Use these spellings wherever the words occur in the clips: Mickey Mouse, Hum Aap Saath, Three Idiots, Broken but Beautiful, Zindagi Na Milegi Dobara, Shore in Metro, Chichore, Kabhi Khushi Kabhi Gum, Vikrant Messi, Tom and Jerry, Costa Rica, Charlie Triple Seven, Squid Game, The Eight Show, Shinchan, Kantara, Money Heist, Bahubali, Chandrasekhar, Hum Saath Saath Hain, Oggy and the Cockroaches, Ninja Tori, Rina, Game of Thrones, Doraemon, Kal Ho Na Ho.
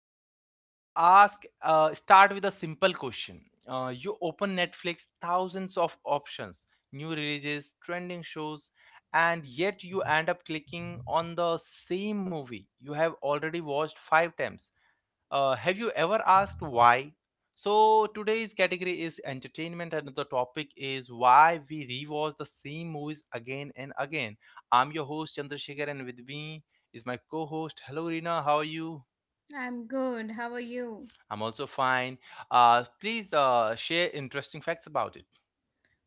Let me ask start with a simple question. You open Netflix, thousands of options, new releases, trending shows, and yet you end up clicking on the same movie you have already watched five times. Have you ever asked why? So today's category is entertainment, and the topic is why we rewatch the same movies again and again. I'm your host Chandrasekhar, and with me is my co-host. Hello, Rina. How are you? I'm good. How are you? I'm also fine. Please share interesting facts about it.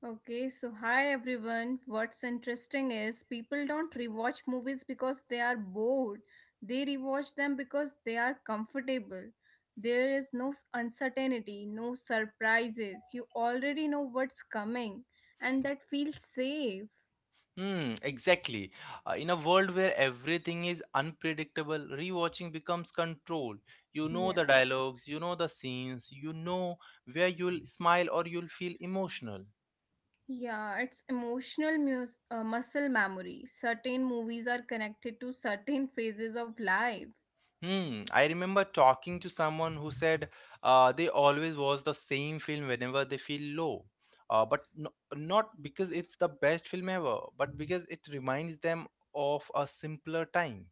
Okay, so hi everyone. What's interesting is people don't rewatch movies because they are bored. They rewatch them because they are comfortable. There is no uncertainty, no surprises. You already know what's coming, and that feels safe. Hmm, exactly. In a world where everything is unpredictable, rewatching becomes control. You know the Yeah, dialogues, you know the scenes, you know where you'll smile or you'll feel emotional. yeah, it's emotional muscle memory. Certain movies are connected to certain phases of life. Hmm, I remember talking to someone who said they always watch the same film whenever they feel low. But no, not because it's the best film ever, but because it reminds them of a simpler time.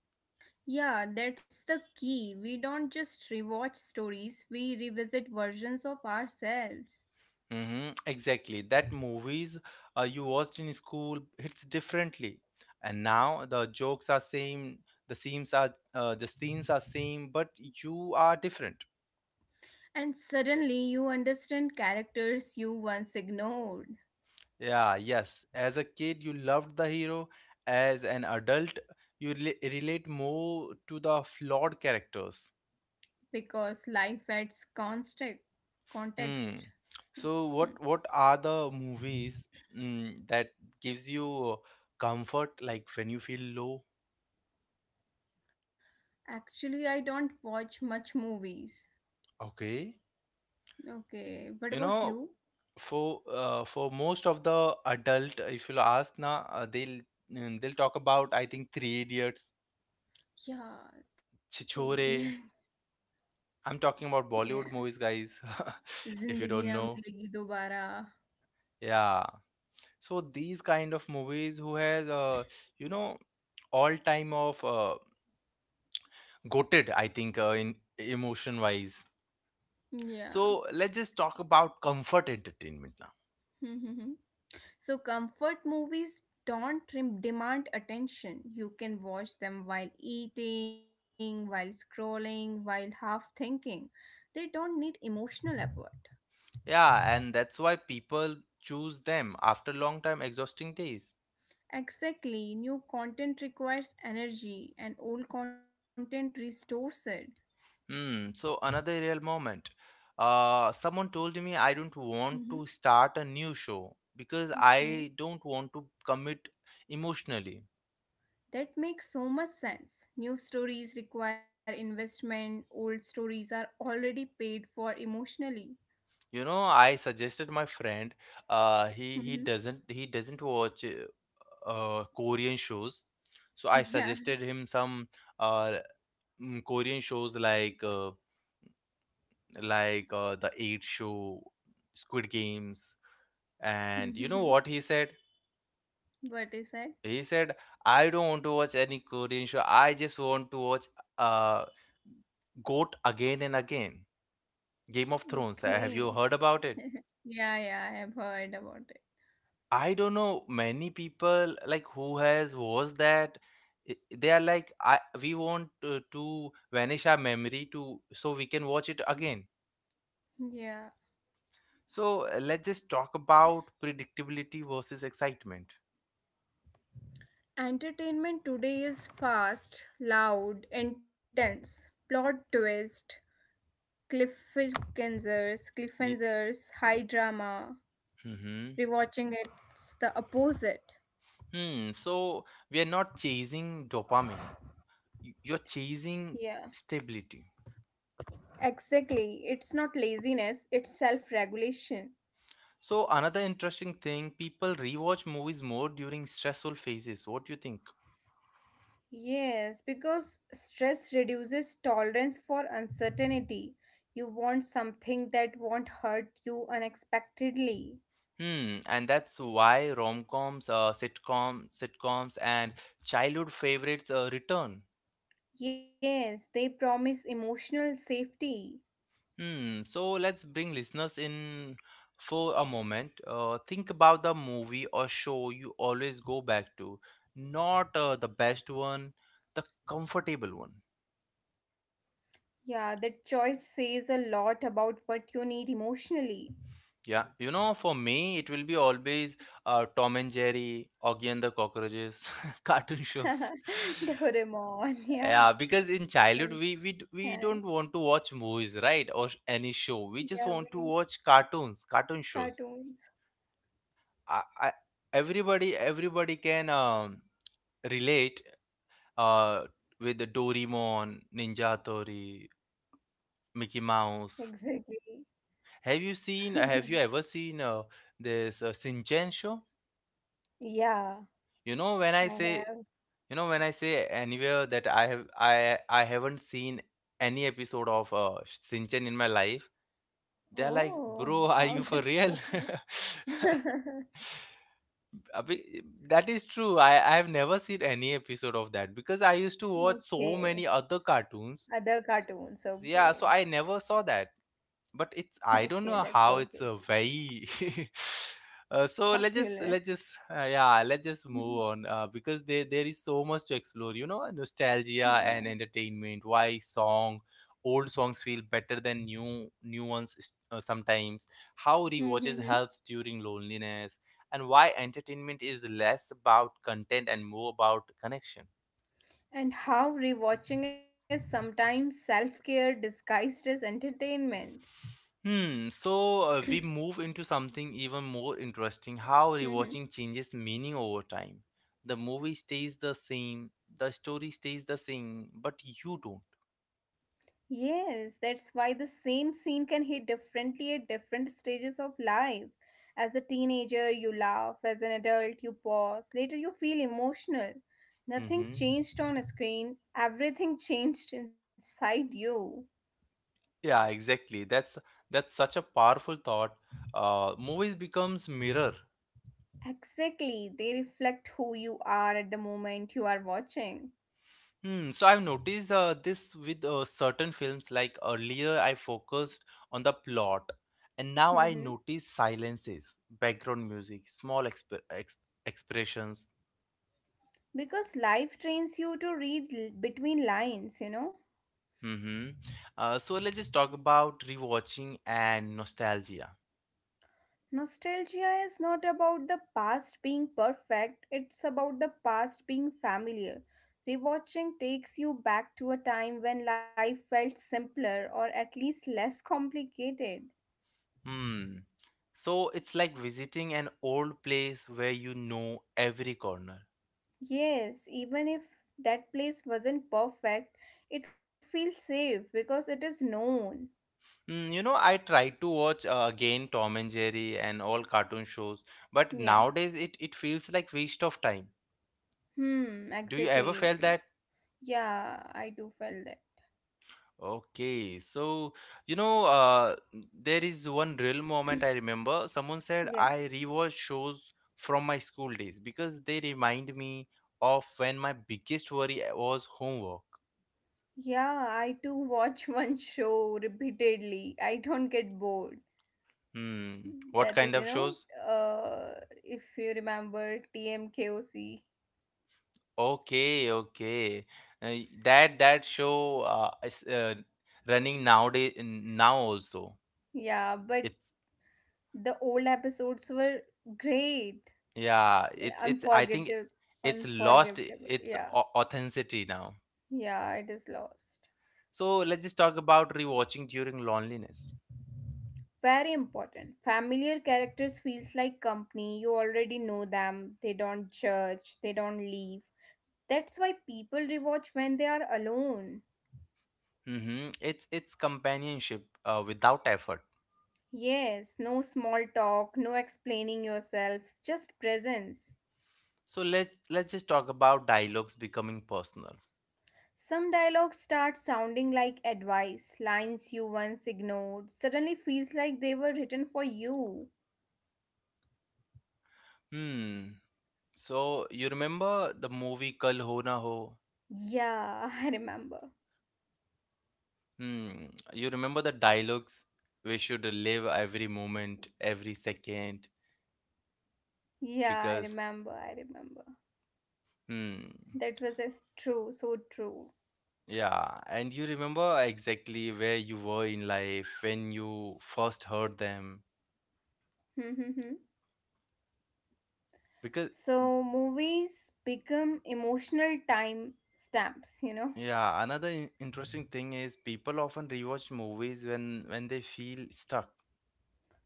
Yeah, that's the key. We don't just rewatch stories, we revisit versions of ourselves. Mm-hmm, exactly. That movies you watched in school hits differently, and now the jokes are same, the scenes are the scenes are same, but you are different. And suddenly you understand characters you once ignored Yeah, yes. As a kid, you loved the hero. As an adult, you relate more to the flawed characters. because life adds constant context. Hmm. So Hmm. what are the movies that gives you comfort, like when you feel low? Actually, I don't watch much movies. Okay, Okay, you what know. about you? For most of the adult if you'll ask na they'll they'll talk about I think Three Idiots, Yeah, Three Chichore. Idiots. I'm talking about Bollywood Yeah, movies, guys. If you don't Zindagi Na know, Milegi Dobara. yeah, so these kind of movies who has you know, all time of goated I think in emotion wise. Yeah. So let's just talk about comfort entertainment now. So, comfort movies don't demand attention. You can watch them while eating, while scrolling, while half thinking. They don't need emotional effort. Yeah, and that's why people choose them after long time exhausting days. Exactly, new content requires energy and old content restores it. Hmm. So another real moment. Someone told me I don't want Mhm. to start a new show because Okay. I don't want to commit emotionally. That makes so much sense. New stories require investment, old stories are already paid for emotionally. You know, I suggested my friend. He Mhm. doesn't he doesn't watch Korean shows, so I suggested Yeah. him some uh Korean shows like the Eight Show, Squid Games, and you know what he said? What is that? He said, I don't want to watch any Korean show. I just want to watch uh GOAT again and again. Game of Thrones. Have you Okay. heard about it? Yeah, yeah, I've heard about it. I don't know many people like who has watched that. I- They are like, I we want to vanish our memory to so we can watch it again. Yeah. So let's just talk about predictability versus excitement. Entertainment today is fast, loud, intense. Plot twist, cliffhangers, Ye- cliffhangers, high drama. Mhm. Rewatching it's the opposite. Hmm. So we are not chasing dopamine, you're chasing Yeah. stability. Exactly. It's not laziness, it's self-regulation. So another interesting thing, people rewatch movies more during stressful phases. What do you think? Yes, because stress reduces tolerance for uncertainty. You want something that won't hurt you unexpectedly. Hmm, and that's why rom-coms, sitcoms, and childhood favorites return. Yes, they promise emotional safety. Hmm. So let's bring listeners in for a moment. Think about the movie or show you always go back to, not the best one, the comfortable one. Yeah, that choice says a lot about what you need emotionally. Yeah, you know, for me, it will be always Tom and Jerry, Oggy and the Cockroaches, cartoon shows. Doraemon, yeah. Yeah, because in childhood Then, we don't want to watch movies, right, or any show. We Yeah, just we want to watch cartoons, cartoon shows. cartoons. I everybody can relate uh, with the Doraemon, Ninja Tori, Mickey Mouse. Exactly. Have you seen? Have you ever seen this Shinchan show? Yeah, You know, when I I say have. you know when I say anywhere that I haven't seen any episode of Shinchan in my life, they're like, Oh, bro, are how you for that. real? Abhi- that is true. I have never seen any episode of that because I used to watch so Okay. many other cartoons. Other S- cartoons. Okay. yeah, so I never saw that, but it's, I don't Okay, know that's how, it's okay. a very uh, so let's just Popular. let's just uh, yeah, let's just move on because there is so much to explore. You know, nostalgia Yeah. and entertainment, why song, old songs feel better than new ones sometimes, how rewatches helps during loneliness, and why entertainment is less about content and more about connection. And how rewatching is sometimes self care disguised as entertainment. Hmm, so we move into something even more interesting, how rewatching Hmm. changes meaning over time. The movie stays the same, the story stays the same, but you don't. Yes, that's why the same scene can hit differently at different stages of life. As a teenager, you laugh. As an adult, you pause. Later, you feel emotional. Nothing Mm-hmm. changed on a screen, everything changed inside you. Yeah, exactly. That's such a powerful thought. Movies becomes mirror. Exactly, they reflect who you are at the moment you are watching. Hmm. So I've noticed this with certain films. Like earlier, I focused on the plot, and now I Mhm. notice silences, background music, small expressions. Because life trains you to read between lines. Mm-hmm. So let's just talk about rewatching and nostalgia. Nostalgia is not about the past being perfect, it's about the past being familiar. Rewatching takes you back to a time when life felt simpler or at least less complicated. Hmm. So it's like visiting an old place where you know every corner. Yes, even if that place wasn't perfect, it feels safe because it is known. Mm, you know, I tried to watch again Tom and Jerry and all cartoon shows, but Yeah. nowadays it feels like waste of time. Hmm, Do you ever exactly. feel Exactly. that? Yeah, I do feel that. Okay, so you know, there is one real moment I remember. Someone said Yeah. I rewatch shows from my school days because they remind me of when my biggest worry was homework. Yeah, I too watch one show repeatedly. I don't get bored. Hmm, what That kind is, of shows? If you remember TMKOC. Okay, okay. Uh, that show is running nowadays now also. Yeah, but It's the old episodes were great, Yeah, it's, I think unforgettable, it's lost unforgettable. its Yeah, authenticity now. yeah, it is lost. So let's just talk about rewatching during loneliness. Very important. Familiar characters feels like company. You already know them. They don't judge. They don't leave. That's why people rewatch when they are alone. Hmm, it's companionship without effort. Yes, no small talk, no explaining yourself, just presence. So let's just talk about dialogues becoming personal. Some dialogues start sounding like advice, lines you once ignored, suddenly feels like they were written for you. Hmm. So you remember the movie Kal Ho Na Ho? Yeah, I remember. Hmm. You remember the dialogues? We should live every moment, every second, Yeah, I because remember, I remember. hmm. That was a true, so true. Yeah, and you remember exactly where you were in life when you first heard them because So movies become emotional time stamps. yeah, another interesting thing is people often rewatch movies when they feel stuck.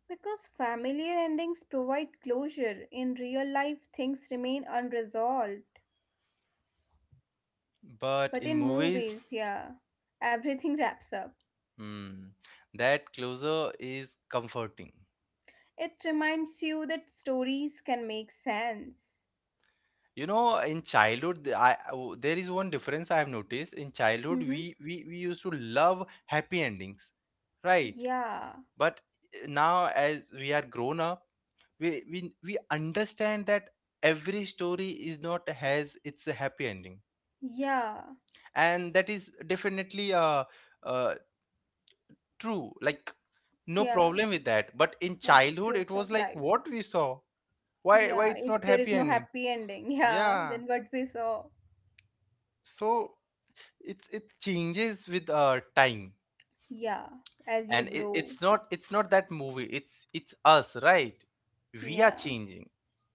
Because familiar endings provide closure. In real life, things remain unresolved. But But in in movies, movies, yeah, everything wraps up. hmm, that closure is comforting. It reminds you that stories can make sense. You know, in childhood, there is one difference I have noticed. In childhood, Mm-hmm. we used to love happy endings, right? Yeah, But now, as we are grown up, we understand that every story is not has its happy ending, yeah, and that is definitely a uh, true, like no yeah. problem with that. But in That's childhood, it truth was of like life. what we saw. Why Yeah, it's if not there is happy no ending? happy ending, yeah, Yeah. then what we saw. So it's, it changes with time. Yeah, as you And it's grow, not, it's not that movie. It's us, right? We are yeah, changing.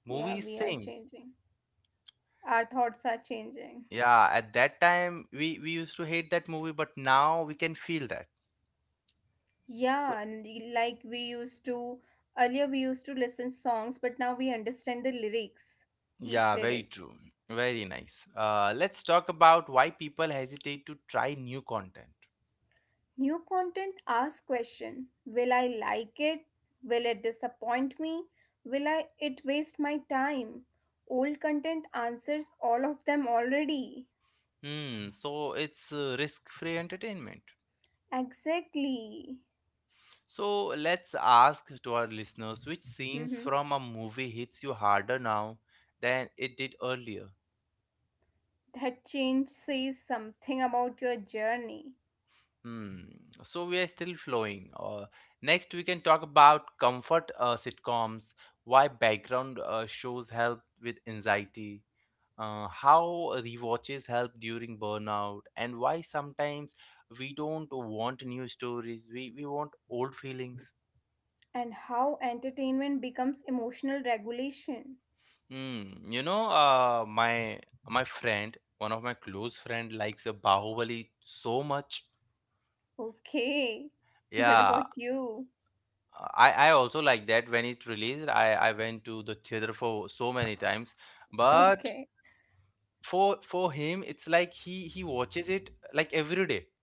Movie is yeah, we are same. changing. Our thoughts are changing. Yeah, at that time we used to hate that movie, but now we can feel that. So Yeah, and like we used to earlier we used to listen songs, but now we understand the lyrics, yeah, each very true. lyrics. Very nice. Let's talk about why people hesitate to try new content. New content asks question. Will I like it? Will it disappoint me? Will I it waste my time? Old content answers all of them already. Hmm, so it's risk-free entertainment. Exactly. So let's ask to our listeners which scenes Hmm. from a movie hits you harder now than it did earlier. That change says something about your journey Hmm. So we are still flowing. Next, we can talk about comfort sitcoms, why background shows help with anxiety, how rewatches help during burnout, and why sometimes we don't want new stories. We want old feelings. and how entertainment becomes emotional regulation. Hmm. You know, my friend, one of my close friend, likes a Bahubali so much. Okay. What Yeah, about you? I also like that when it released. I went to the theater for so many times, but Okay. For him, it's like he watches it like every day.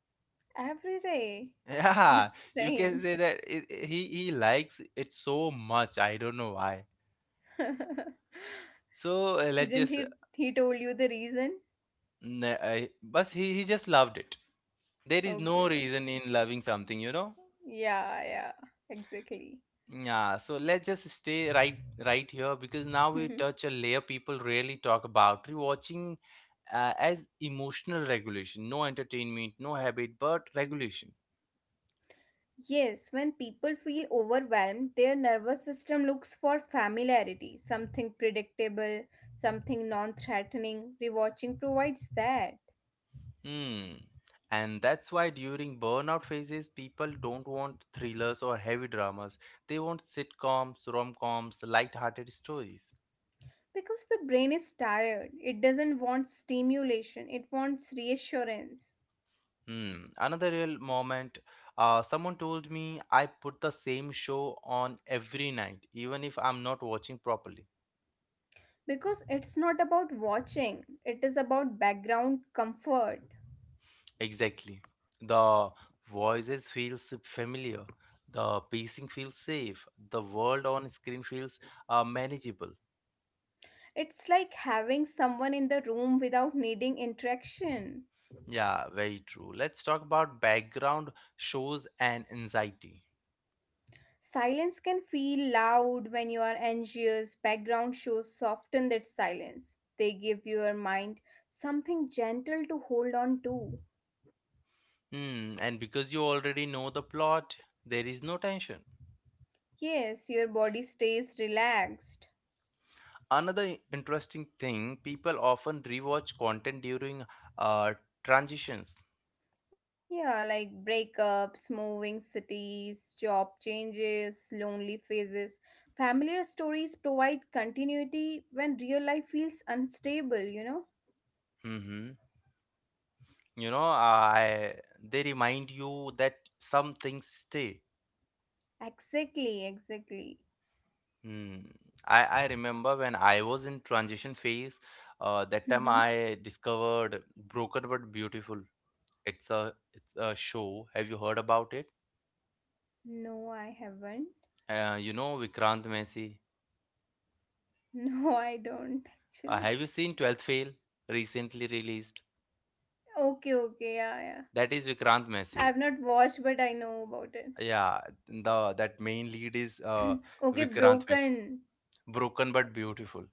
Every day. Yeah, That's you can strange. say that he likes it so much. I don't know why. So Didn't he told you the reason? But he just loved it. There is Okay, no okay. reason in loving something, you know. Yeah, yeah. Exactly. Yeah, so let's just stay right here because now we Mhm. touch a layer people rarely talk about. Rewatching as emotional regulation, no entertainment, no habit, but regulation. Yes, when people feel overwhelmed, their nervous system looks for familiarity, something predictable, something non-threatening. Rewatching provides that. Hmm. And that's why during burnout phases, people don't want thrillers or heavy dramas. They want sitcoms, rom-coms, light-hearted stories. Because the brain is tired, it doesn't want stimulation, it wants reassurance. Hmm. Another real moment. Someone told me I put the same show on every night, even if I'm not watching properly. Because it's not about watching, it is about background comfort. Exactly. The voices feels familiar. The pacing feels safe. The world on screen feels manageable. It's like having someone in the room without needing interaction. Yeah, very true. Let's talk about background shows and anxiety. Silence can feel loud when you are anxious. Background shows soften that silence. They give your mind something gentle to hold on to. Hmm, and because you already know the plot, there is no tension. Yes, your body stays relaxed. Another interesting thing, people often rewatch content during uh, transitions. Yeah, like breakups, moving cities, job changes, lonely phases. Familiar stories provide continuity when real life feels unstable, you know? Hmm, you know, I they remind you that some things stay. Exactly, exactly. Hmm. I remember when I was in transition phase, that time Mhm. I discovered Broken but Beautiful. It's a show. Have you heard about it? No, I haven't. You know Vikrant Messi. No, I don't actually. Have you seen 12th Fail recently released? Okay, okay, yeah, yeah. That is Vikrant I Messi. have not watched, but I know about it. Yeah, the that main lead is Okay, Vikrant Messi. Broken. Broken but Beautiful.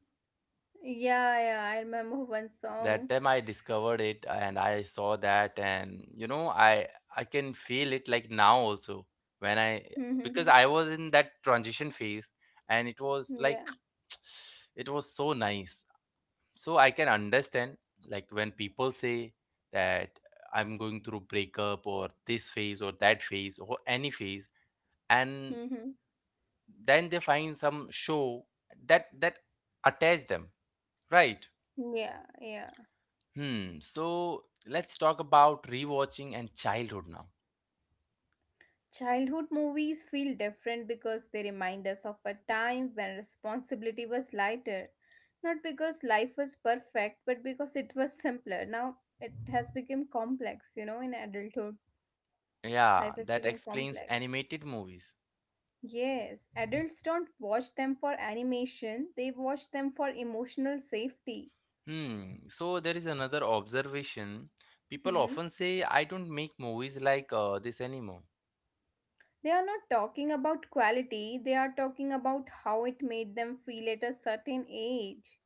Yeah, yeah, I remember one That song. time I discovered it and I saw that, and you know I can feel it like now also when I Yeah. because I was in that transition phase, and it was like it was so nice. So I can understand like when people say that I'm going through breakup or this phase or that phase or any phase, and Hmm. then they find some show that attach them, right? Yeah, yeah. Hmm. So let's talk about rewatching and childhood now. Childhood movies feel different because they remind us of a time when responsibility was lighter. Not because life was perfect, but because it was simpler. Now it has become complex, in adulthood. Life has Yeah, become that explains complex. animated movies. Yes, adults don't watch them for animation, they watch them for emotional safety. Hmm. So there is another observation. People Mhm. often say, I don't make movies like this anymore. They are not talking about quality, they are talking about how it made them feel at a certain age.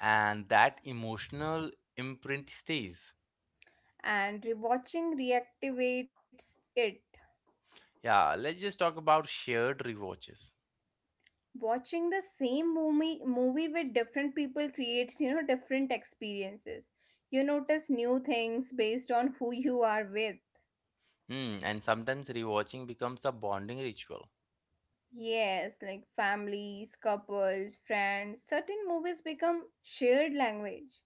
And that emotional imprint stays. And rewatching reactivates it. Yeah, let's just talk about shared rewatches. Watching the same movie with different people creates different experiences. You notice new things based on who you are with. Hmm. And sometimes rewatching becomes a bonding ritual. Yes, like families, couples, friends, certain movies become shared language.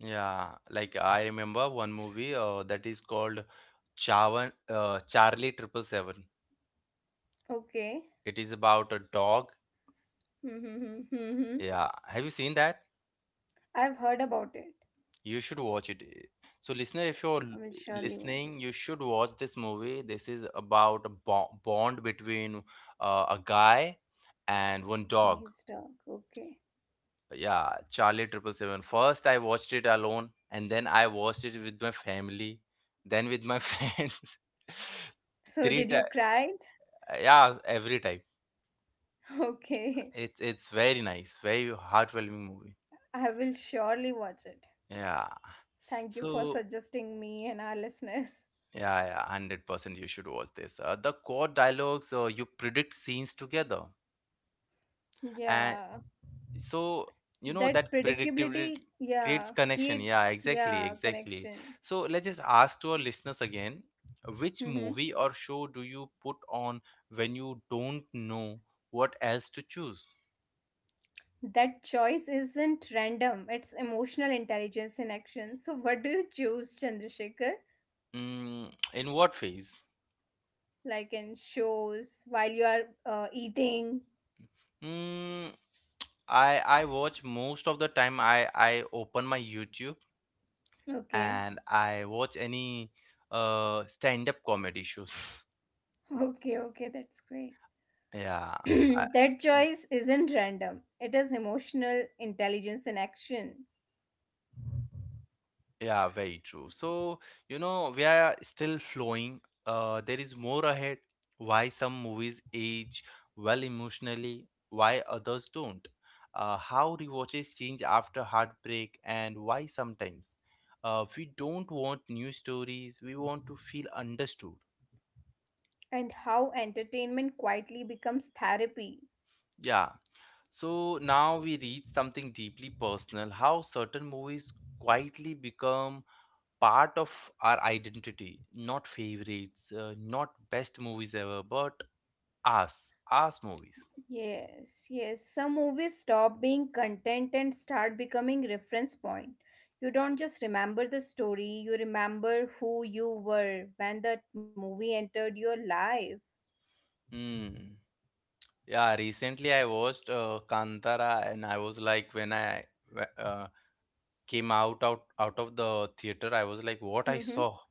Yeah, like I remember one movie that is called Chavan, Charlie Triple Seven. Okay. It is about a dog. Mm-hmm. Yeah. Have you seen that? I've heard about it. You should watch it. So, listener, if you're l- I will surely listening, watch. you should watch this movie. This is about a bond between a guy and one dog. His dog. Okay. Yeah, Charlie Triple Seven. First, I watched it alone, and then I watched it with my family, then with my friends. So did you Three times. cry? Yeah, every time. Okay, It's very nice, very heartwarming movie. I will surely watch it. Yeah. Thank you for So suggesting me and our listeners. yeah, yeah, 100% you should watch this. The core dialogues, you predict scenes together. And Yeah, so, you know, that that predictability predictability, creates yeah, connection. creates, Yeah, exactly, yeah, exactly. connection. So let's just ask to our listeners again, which Hmm. movie or show do you put on when you don't know what else to choose? That choice isn't random, it's emotional intelligence in action. So, what do you choose, Chandrasekhar? Mm, in what phase? Like in shows, while you are eating? Mm, I watch most of the time I open my YouTube and Okay, I watch any stand-up comedy shows. okay, okay, that's great. Yeah, I, That choice isn't random, it is emotional intelligence in action. yeah, very true. So, you know, we are still flowing. There is more ahead. Why some movies age well emotionally, why others don't. How rewatches change after heartbreak, and why sometimes. We don't want new stories. We want to feel understood. And how entertainment quietly becomes therapy. Yeah. So now we reach something deeply personal, how certain movies quietly become part of our identity. Not favorites, not best movies ever, but us, us movies. Yes, yes. Some movies stop being content and start becoming reference point. You don't just remember the story, you remember who you were when that movie entered your life. Hmm. Yeah, recently I watched Kantara, and I was like, when I wh- uh, came out of the theater, I was like, what I Mm-hmm. saw.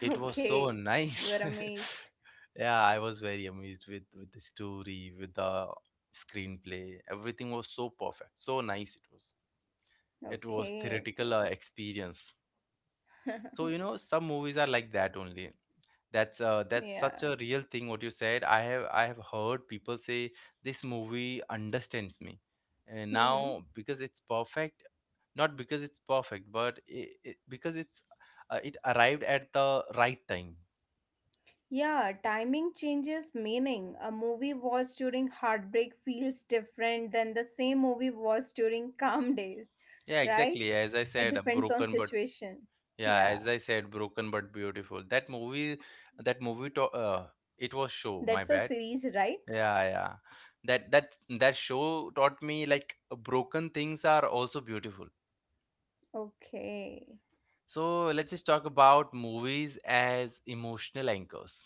It was so Okay. You were nice. amazed. Yeah, I was very amazed with the story, with the screenplay. Everything was so perfect, so nice it was. It was Okay, theoretical okay. Experience. So you know, some movies are like that only. That's Yeah. such a real thing what you said. I have heard people say this movie understands me. And Mm-hmm. now because it's perfect, not because it's perfect, but because it's it arrived at the right time. Yeah, timing changes meaning. A movie watched during heartbreak feels different than the same movie watched during calm days, Yeah, right? exactly. As I It said, depends on broken but situation. yeah, as Yeah, I said, broken but beautiful. That movie, it was show. that's My a bad. series, right? Yeah, yeah. That show taught me like broken things are also beautiful. Okay. So let's just talk about movies as emotional anchors.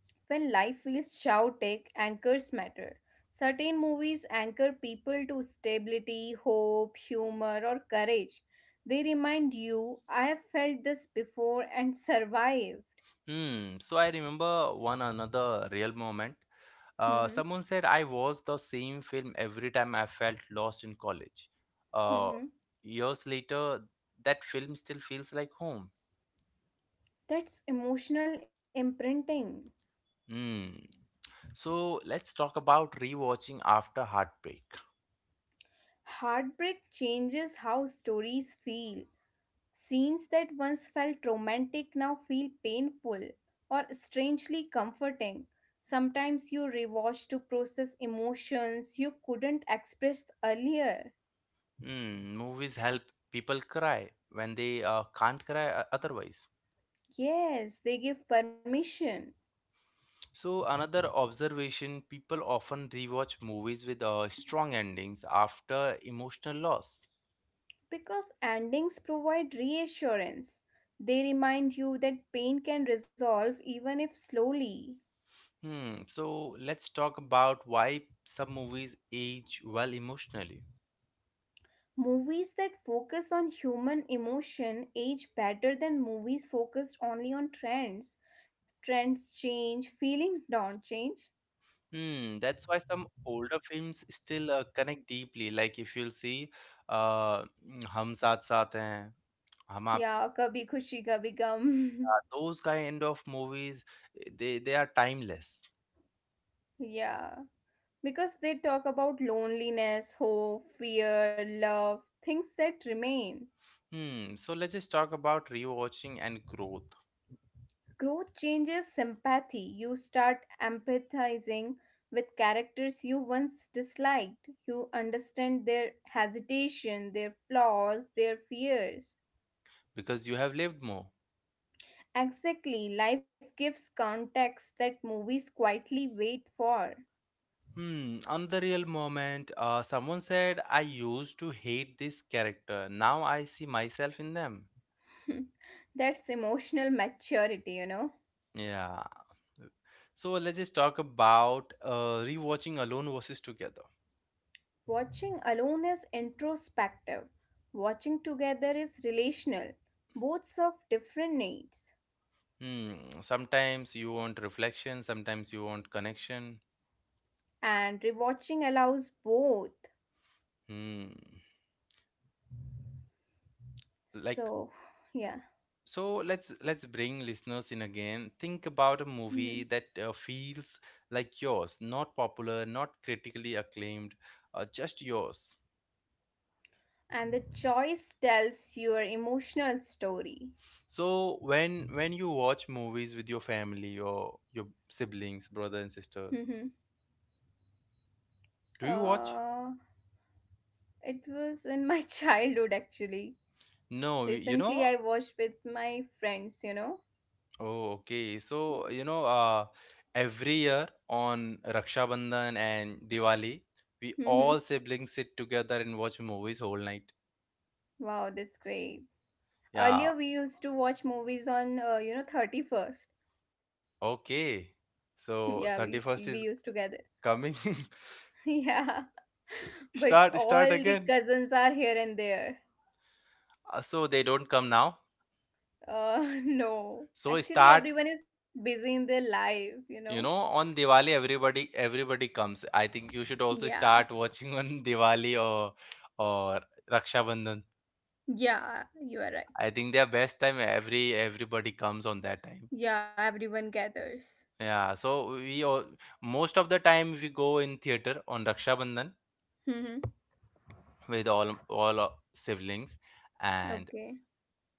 When life feels chaotic, anchors matter. Certain movies anchor people to stability, hope, humor, or courage. They remind you, I have felt this before and survived. Hmm. So I remember one another real moment. Mm-hmm. Someone said I watched the same film every time I felt lost in college. Uh, Mm-hmm. Years later, that film still feels like home. That's emotional imprinting. Hmm. So let's talk about rewatching after heartbreak. Heartbreak changes how stories feel. Scenes that once felt romantic now feel painful or strangely comforting. Sometimes you rewatch to process emotions you couldn't express earlier. Hmm. Movies help people cry when they can't cry otherwise. Yes, they give permission So another observation: people often rewatch movies with strong endings after emotional loss. because endings provide reassurance. They remind you that pain can resolve even if slowly. Hmm. So let's talk about why some movies age well emotionally. Movies that focus on human emotion age better than movies focused only on trends. Trends change, feelings don't change. Hmm. That's why some older films still connect deeply. Like if you'll see, Hum Saath Saath Hain, Hum Aap Saath, Yeah, Kabhi Khushi Kabhi Gum. those kind of movies, eh, they are timeless. Yeah. Because they talk about loneliness, hope, fear, love, things that remain. Hmm. So let's just talk about rewatching and growth, Growth changes sympathy. You start empathizing with characters you once disliked. You understand their hesitation, their flaws, their fears. because you have lived more. Exactly, life gives context that movies quietly wait for. Hmm, on the real moment, someone said, I used to hate this character. Now I see myself in them. That's emotional maturity. Yeah. So let's just talk about rewatching alone versus together. Watching alone is introspective, watching together is relational. Both serve different needs, Hmm. Sometimes you want reflection, sometimes you want connection. and rewatching allows both. Hmm. Like So, yeah. so, let's bring listeners in again. Think about a Mhm. movie that feels like yours, not popular, not critically acclaimed, just yours. And the choice tells your emotional story. So when you watch movies with your family or your siblings, brother and sister, Mhm. do you watch? uh, it was in my childhood actually. No, you Recently, know. I watched with my friends. Oh, okay. So, you know, every year on Raksha Bandhan and Diwali, we Hmm. all siblings sit together and watch movies whole night. Wow, that's great. Yeah, Earlier, we used to watch movies on, 31st. okay. Yeah, we, So, s- we 31st used is together. coming. Yeah, but Start, start all the again. cousins are here and there. So they don't come now. No. So Actually, start, everyone is busy in their life. you know, on Diwali everybody comes. I think you should also Yeah, start watching on Diwali or Raksha Bandhan. yeah, you are I right. think their best time everybody comes on that time. Yeah, everyone gathers. Yeah, so we all most of the time we go in theater on Raksha Bandhan Hmm. with all our siblings, and Okay.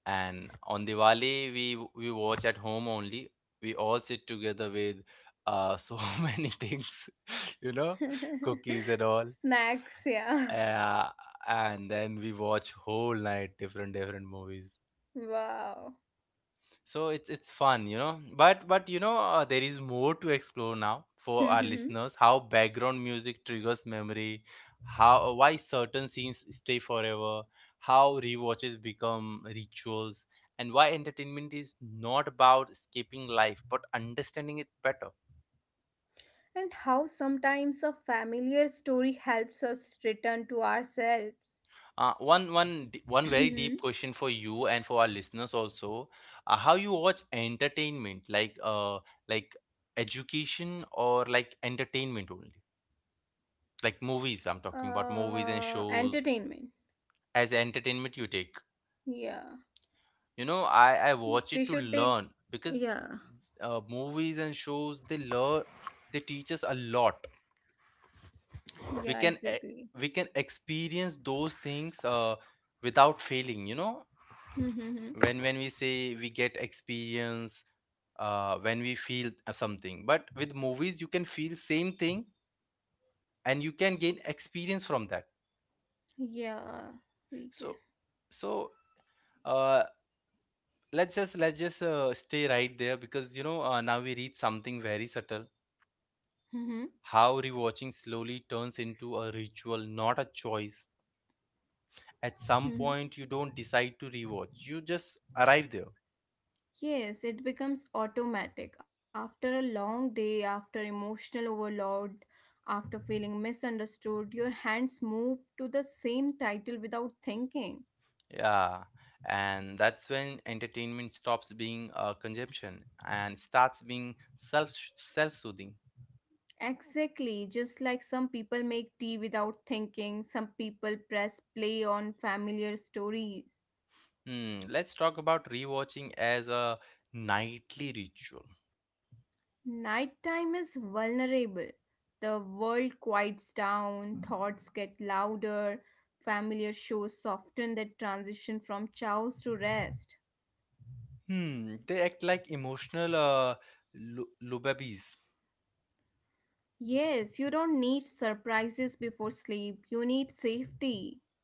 and on Diwali we watch at home only. We all sit together with so many things, you know, cookies and all. Snacks, yeah. Uh, and then we watch whole night different different movies. Wow. So it's fun, you know. But you know there is more to explore now for our Mhm. listeners. How background music triggers memory, how why certain scenes stay forever, how rewatches become rituals, and why entertainment is not about escaping life but understanding it better. And how sometimes a familiar story helps us return to ourselves. One very deep Mhm. question for you and for our listeners also: how you watch entertainment, like like education or like entertainment only? Like movies, I'm talking about movies and shows Entertainment. as entertainment you take. Yeah. You know, I But watch we it to should take. learn, because Yeah. Movies and shows they learn they teach us a lot. Yeah, we can e- exactly. we can experience those things without failing, you know. Hmm. When we say we get experience, when we feel something, but with movies you can feel same thing and you can gain experience from that. Yeah, we can. so so uh, let's just stay right there, because you know now we reach something very subtle. Hmm. How rewatching slowly turns into a ritual, not a choice. At some Hmm. point you don't decide to rewatch, you just arrive there, Yes, it becomes automatic. After a long day, after emotional overload, after feeling misunderstood, your hands move to the same title without thinking. yeah. And that's when entertainment stops being a consumption and starts being self-soothing. Exactly, just like some people make tea without thinking, some people press play on familiar stories. Hmm, let's talk about rewatching as a nightly ritual. Nighttime is vulnerable. The world quiets down, thoughts get louder, familiar shows soften that transition from chaos to rest. Hmm, they act like emotional lullabies. Yes, you don't need surprises before sleep. You need safety.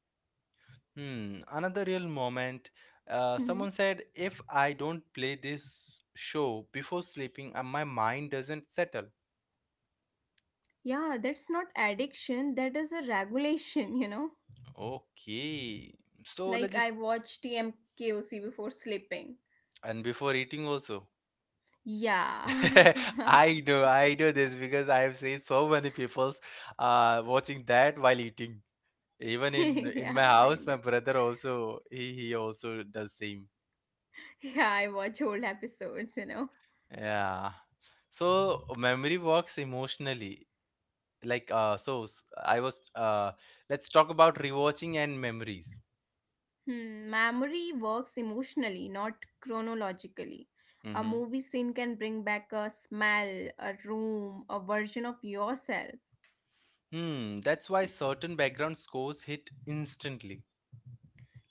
Hmm, another real moment. Someone Mhm. said, if I don't play this show before sleeping, my mind doesn't settle. Yeah, that's not addiction. That is a regulation, you know? Okay, so let's Like just. I watch TMKOC before sleeping. And before eating, also. Yeah. I know this because I have seen so many people watching that while eating. Even in my Yeah, I house, my do. brother also he also does same. Yeah, I watch old episodes, you know? Yeah. So memory works emotionally. Like so s- I was Let's talk about rewatching and memories. Hmm, memory works emotionally, not chronologically. A Mm-hmm. movie scene can bring back a smell, a room, a version of yourself. Hmm, that's why certain background scores hit instantly.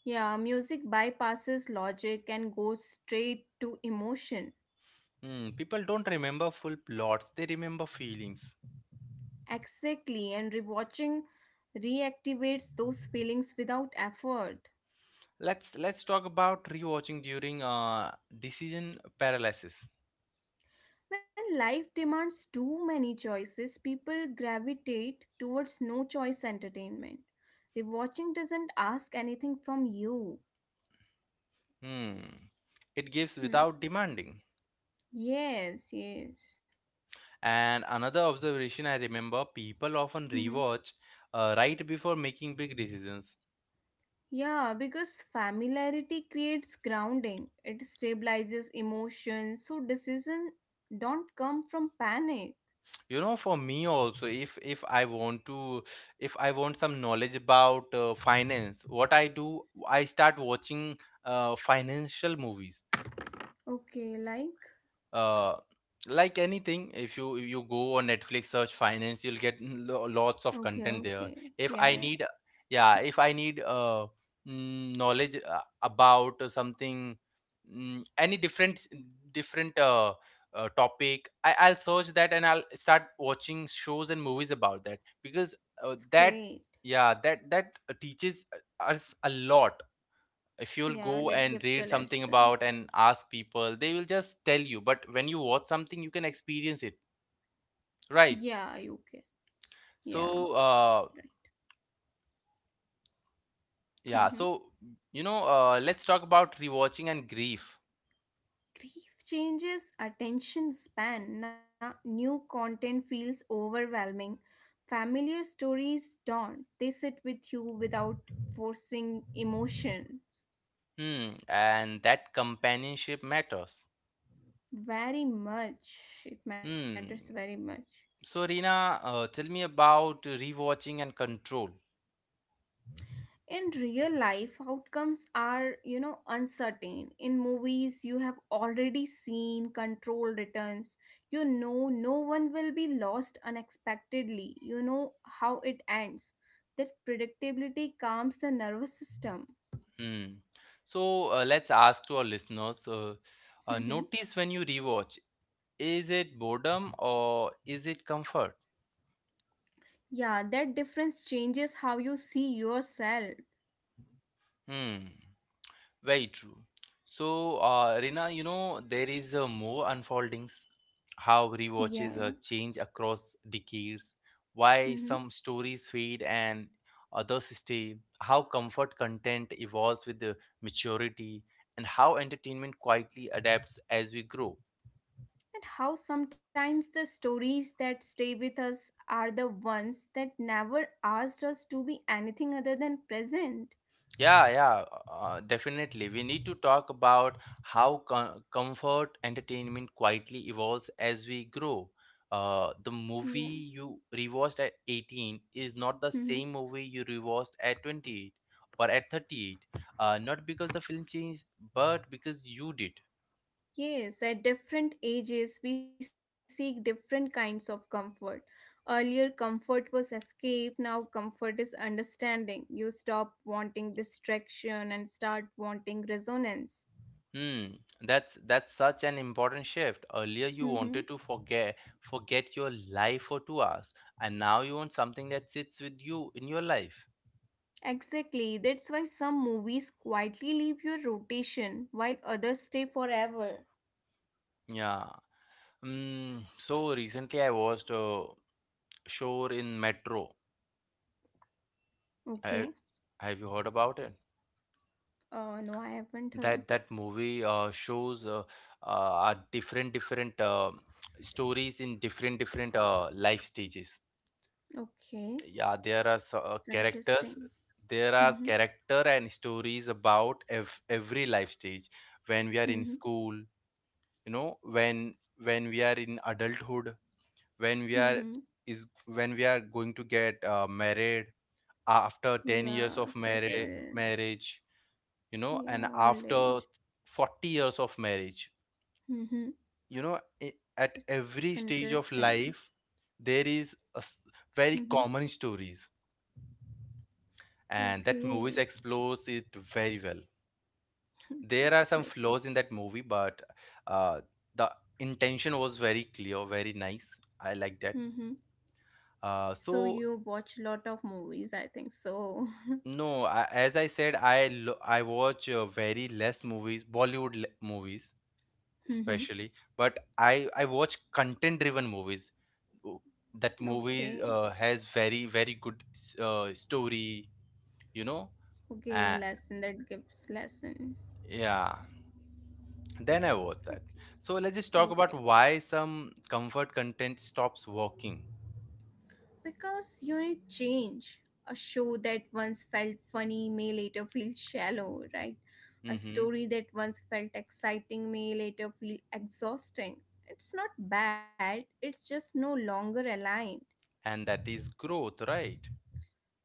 Yeah, music bypasses logic and goes straight to emotion. Hmm, people don't remember full plots, they remember feelings. Exactly, and rewatching reactivates those feelings without effort. Let's talk about rewatching during decision paralysis. When life demands too many choices, people gravitate towards no choice entertainment. Rewatching doesn't ask anything from you. Hmm, it gives Hmm. without demanding. Yes, yes. And another observation, I remember people often rewatch right before making big decisions. Yeah, because familiarity creates grounding. It stabilizes emotions, so decisions don't come from panic. You know, for me also, if I want to, if I want some knowledge about finance, what I do, I start watching financial movies. Okay, like uh, like anything, if you go on Netflix, search finance, you'll get lots of okay, content there. okay. if Yeah, i yeah, need yeah if I need knowledge about something, mm, any different different topic, I'll search that and I'll start watching shows and movies about that, because that's that great. yeah, that teaches us a lot. If you'll go Yeah, and that read gives the something about lesson. and ask people, they will just tell you, but when you watch something, you can experience it, right? Yeah, okay. Yeah, So uh right. yeah so Mm-hmm. you know, let's talk about rewatching and grief. Grief changes attention span. Now, new content feels overwhelming. Familiar stories don't. They sit with you without forcing emotions. Hmm, and that companionship matters. Very much. It matters very Hmm, much. so Rina, tell me about rewatching and control. In real life, outcomes are, uncertain. In movies, you have already seen control returns. You know, no one will be lost unexpectedly. You know how it ends. That predictability calms the nervous system. Hmm, so let's ask to our listeners, Mhm. notice when you rewatch, is it boredom or is it comfort? Yeah, that difference changes how you see yourself. Hmm. Very true. So, Rina, you know, there is more unfoldings, how rewatches Yeah, yeah. change across decades, why Mm-hmm. some stories fade and others stay, how comfort content evolves with the maturity, and how entertainment quietly adapts as we grow. And how sometimes the stories that stay with us are the ones that never asked us to be anything other than present. Yeah, yeah, definitely. We need to talk about how comfort entertainment quietly evolves as we grow. The Yeah. movie you rewatched at 18 is not the Mhm. same movie you rewatched at 28 or at 38. Not because the film changed, but because you did. Yes, at different ages, we seek different kinds of comfort. Earlier, comfort was escape, now, comfort is understanding. You stop wanting distraction and start wanting resonance. Hmm, that's such an important shift. Earlier, you Mm-hmm. wanted to forget your life for 2 hours, and now you want something that sits with you in your life. Exactly. That's why some movies quietly leave your rotation while others stay forever. Yeah. Mm, so recently I watched Shore in Metro. I, Okay. have you heard about it? Oh, no, I haven't heard. That that movie shows are different different stories in different different life stages. Okay, Yeah, there are it's characters. interesting. There are Mm-hmm. character and stories about every life stage. When we are in Mm-hmm. school, you know, when we are in adulthood, when we Mm-hmm. are is when we are going to get married after 10 years Yeah, of marriage settle. marriage you know, and Yeah, old after age. 40 years of marriage, Mm-hmm. you know, at That's every stage of interesting. life there is very Mm-hmm. common stories, and that movies Okay, explores it very well. There are it's some great. flaws in that movie, but uh, the intention was very clear, very nice. I like that. Mm-hmm. uh, So so you watch a lot of movies, I think so. no, I, as I said, I watch very less movies, movies Mm-hmm. especially, but I watch content driven movies. w- that Okay. movie has very very good story, you know. Okay, uh, lesson that gives lesson. yeah, then I watch that. Okay. So let's just talk about Okay. why some comfort content stops working. Because you need change. A show that once felt funny may later feel shallow, right? A Mm-hmm. story that once felt exciting may later feel exhausting. It's not bad, it's just no longer aligned. And that is growth, right?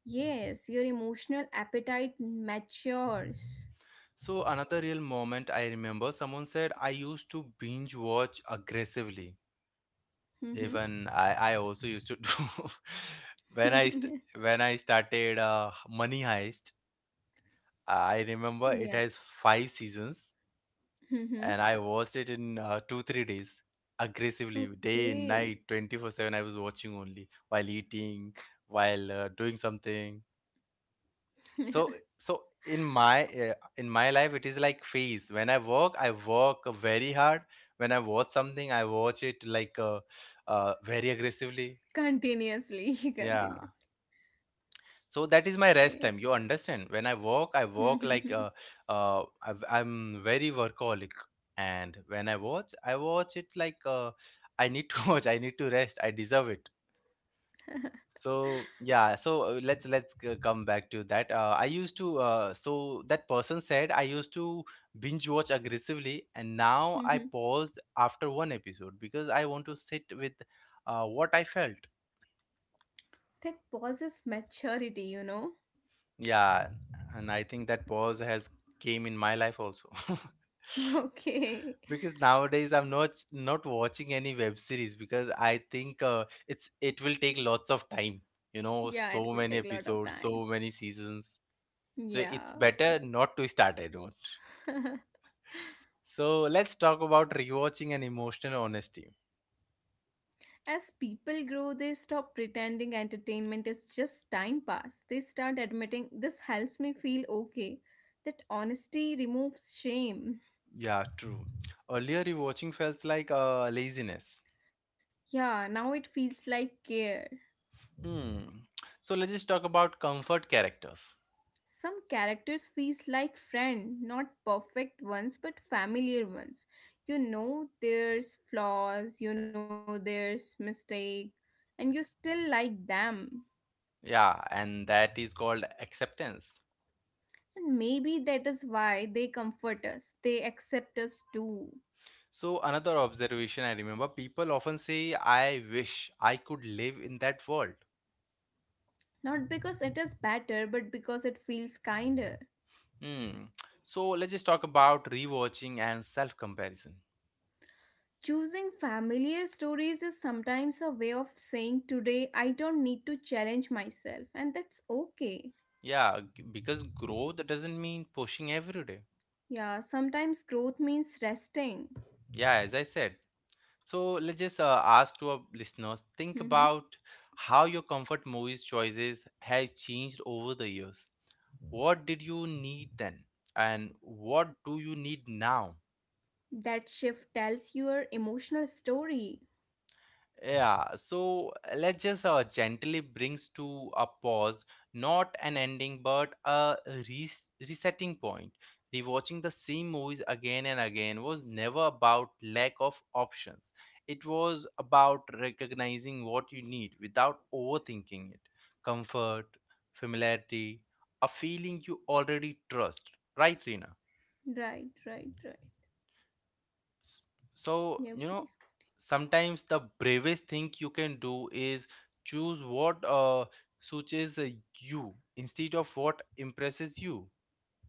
Yes, your emotional appetite matures. So another real moment, I remember someone said, I used to binge watch aggressively. Mm-hmm. Even I also used to do. when i st- when I started Money Heist, I remember it Yeah. has five seasons, Mm-hmm. and I watched it in 2 3 days, aggressively, day and night, Okay. 24/7. I was watching only while eating, while doing something. So, so in my uh, in my life, it is like phase: when I work, I work very hard; when I watch something, I watch it like very aggressively. Continuously. Yeah, Continuously. so that is my rest Okay. time, you understand? When I work, I work like Mm-hmm. I've, I'm very workaholic. And when I watch, I watch it like I need to watch, I need to rest, I deserve it. So yeah, so come back to that. I used to So that person said, I used to binge watch aggressively, and now I Mm-hmm. paused after one episode because I want to sit with what I felt. That pauses maturity. Yeah, and I think that pause has came in my life also. Okay. Because nowadays I'm not watching any web series, because I think it will take lots of time. You know, Yeah, it so will many take a lot of episodes, time. so many seasons. So it's Yeah. better not to start. I don't. So let's talk about rewatching and emotional honesty. As people grow, they stop pretending entertainment is just time pass. They start admitting this helps me feel okay. That honesty removes shame. Yeah, true. Earlier rewatching felt like laziness. Yeah, now it feels like care. Hmm. So let's just talk about comfort characters. Some characters feels like friend, not perfect ones but familiar ones. You know there's flaws, you know there's mistake, and you still like them. Yeah, and that is called acceptance. And maybe that is why they comfort us, they accept us too. So another observation, I remember people often say, I wish I could live in that world. Not because it is better, but because it feels kinder. Hmm. So let's just talk about rewatching and self comparison. Choosing familiar stories is sometimes a way of saying, Today I don't need to challenge myself, and that's okay. Yeah, because growth doesn't mean pushing every day. Yeah, sometimes growth means resting. Yeah, as I said. So let's just ask to our listeners, think Mhm. about how your comfort movies choices have changed over the years. What did you need then? And what do you need now? That shift tells your emotional story. Yeah, so let's just gently brings to a pause, not an ending, but a resetting point. Rewatching the same movies again and again was never about lack of options. It was about recognizing what you need without overthinking it. Comfort, familiarity, a feeling you already trust. Right, Rina? Right, right, right. S- So, Yeah, you know, please continue. sometimes the bravest thing you can do is choose what suits you, instead of what impresses you.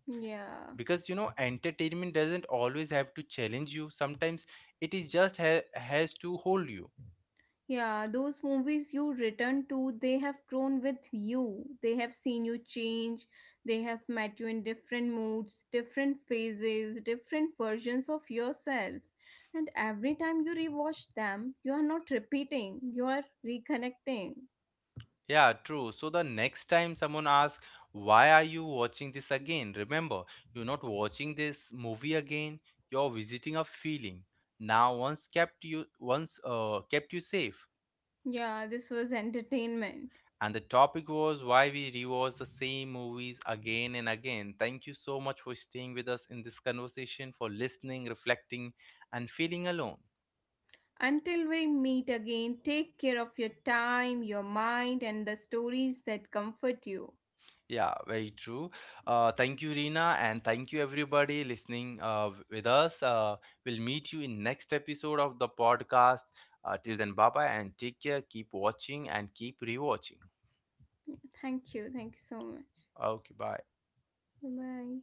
Yeah. Because, you know, entertainment doesn't always have to challenge you, sometimes it is just has to hold you. Yeah, those movies you return to, they have grown with you. They have seen you change. They have met you in different moods, different phases, different versions of yourself. And every time you rewatch them, you are not repeating, you are reconnecting. Yeah, true. So the next time someone asks, why are you watching this again? Remember, you're not watching this movie again, you're visiting a feeling. Now once kept you, once kept you safe. Yeah, this was entertainment. And the topic was why we rewatch the same movies again and again. Thank you so much for staying with us in this conversation, for listening, reflecting, and feeling alone. Until we meet again, take care of your time, your mind, and the stories that comfort you. Yeah, very true. Thank you, Rina, and thank you, everybody, listening with us. We'll meet you in next episode of the podcast. Till then, bye bye, and take care. Keep watching and keep rewatching. Thank you. Thank you so much. Okay, bye. Bye bye.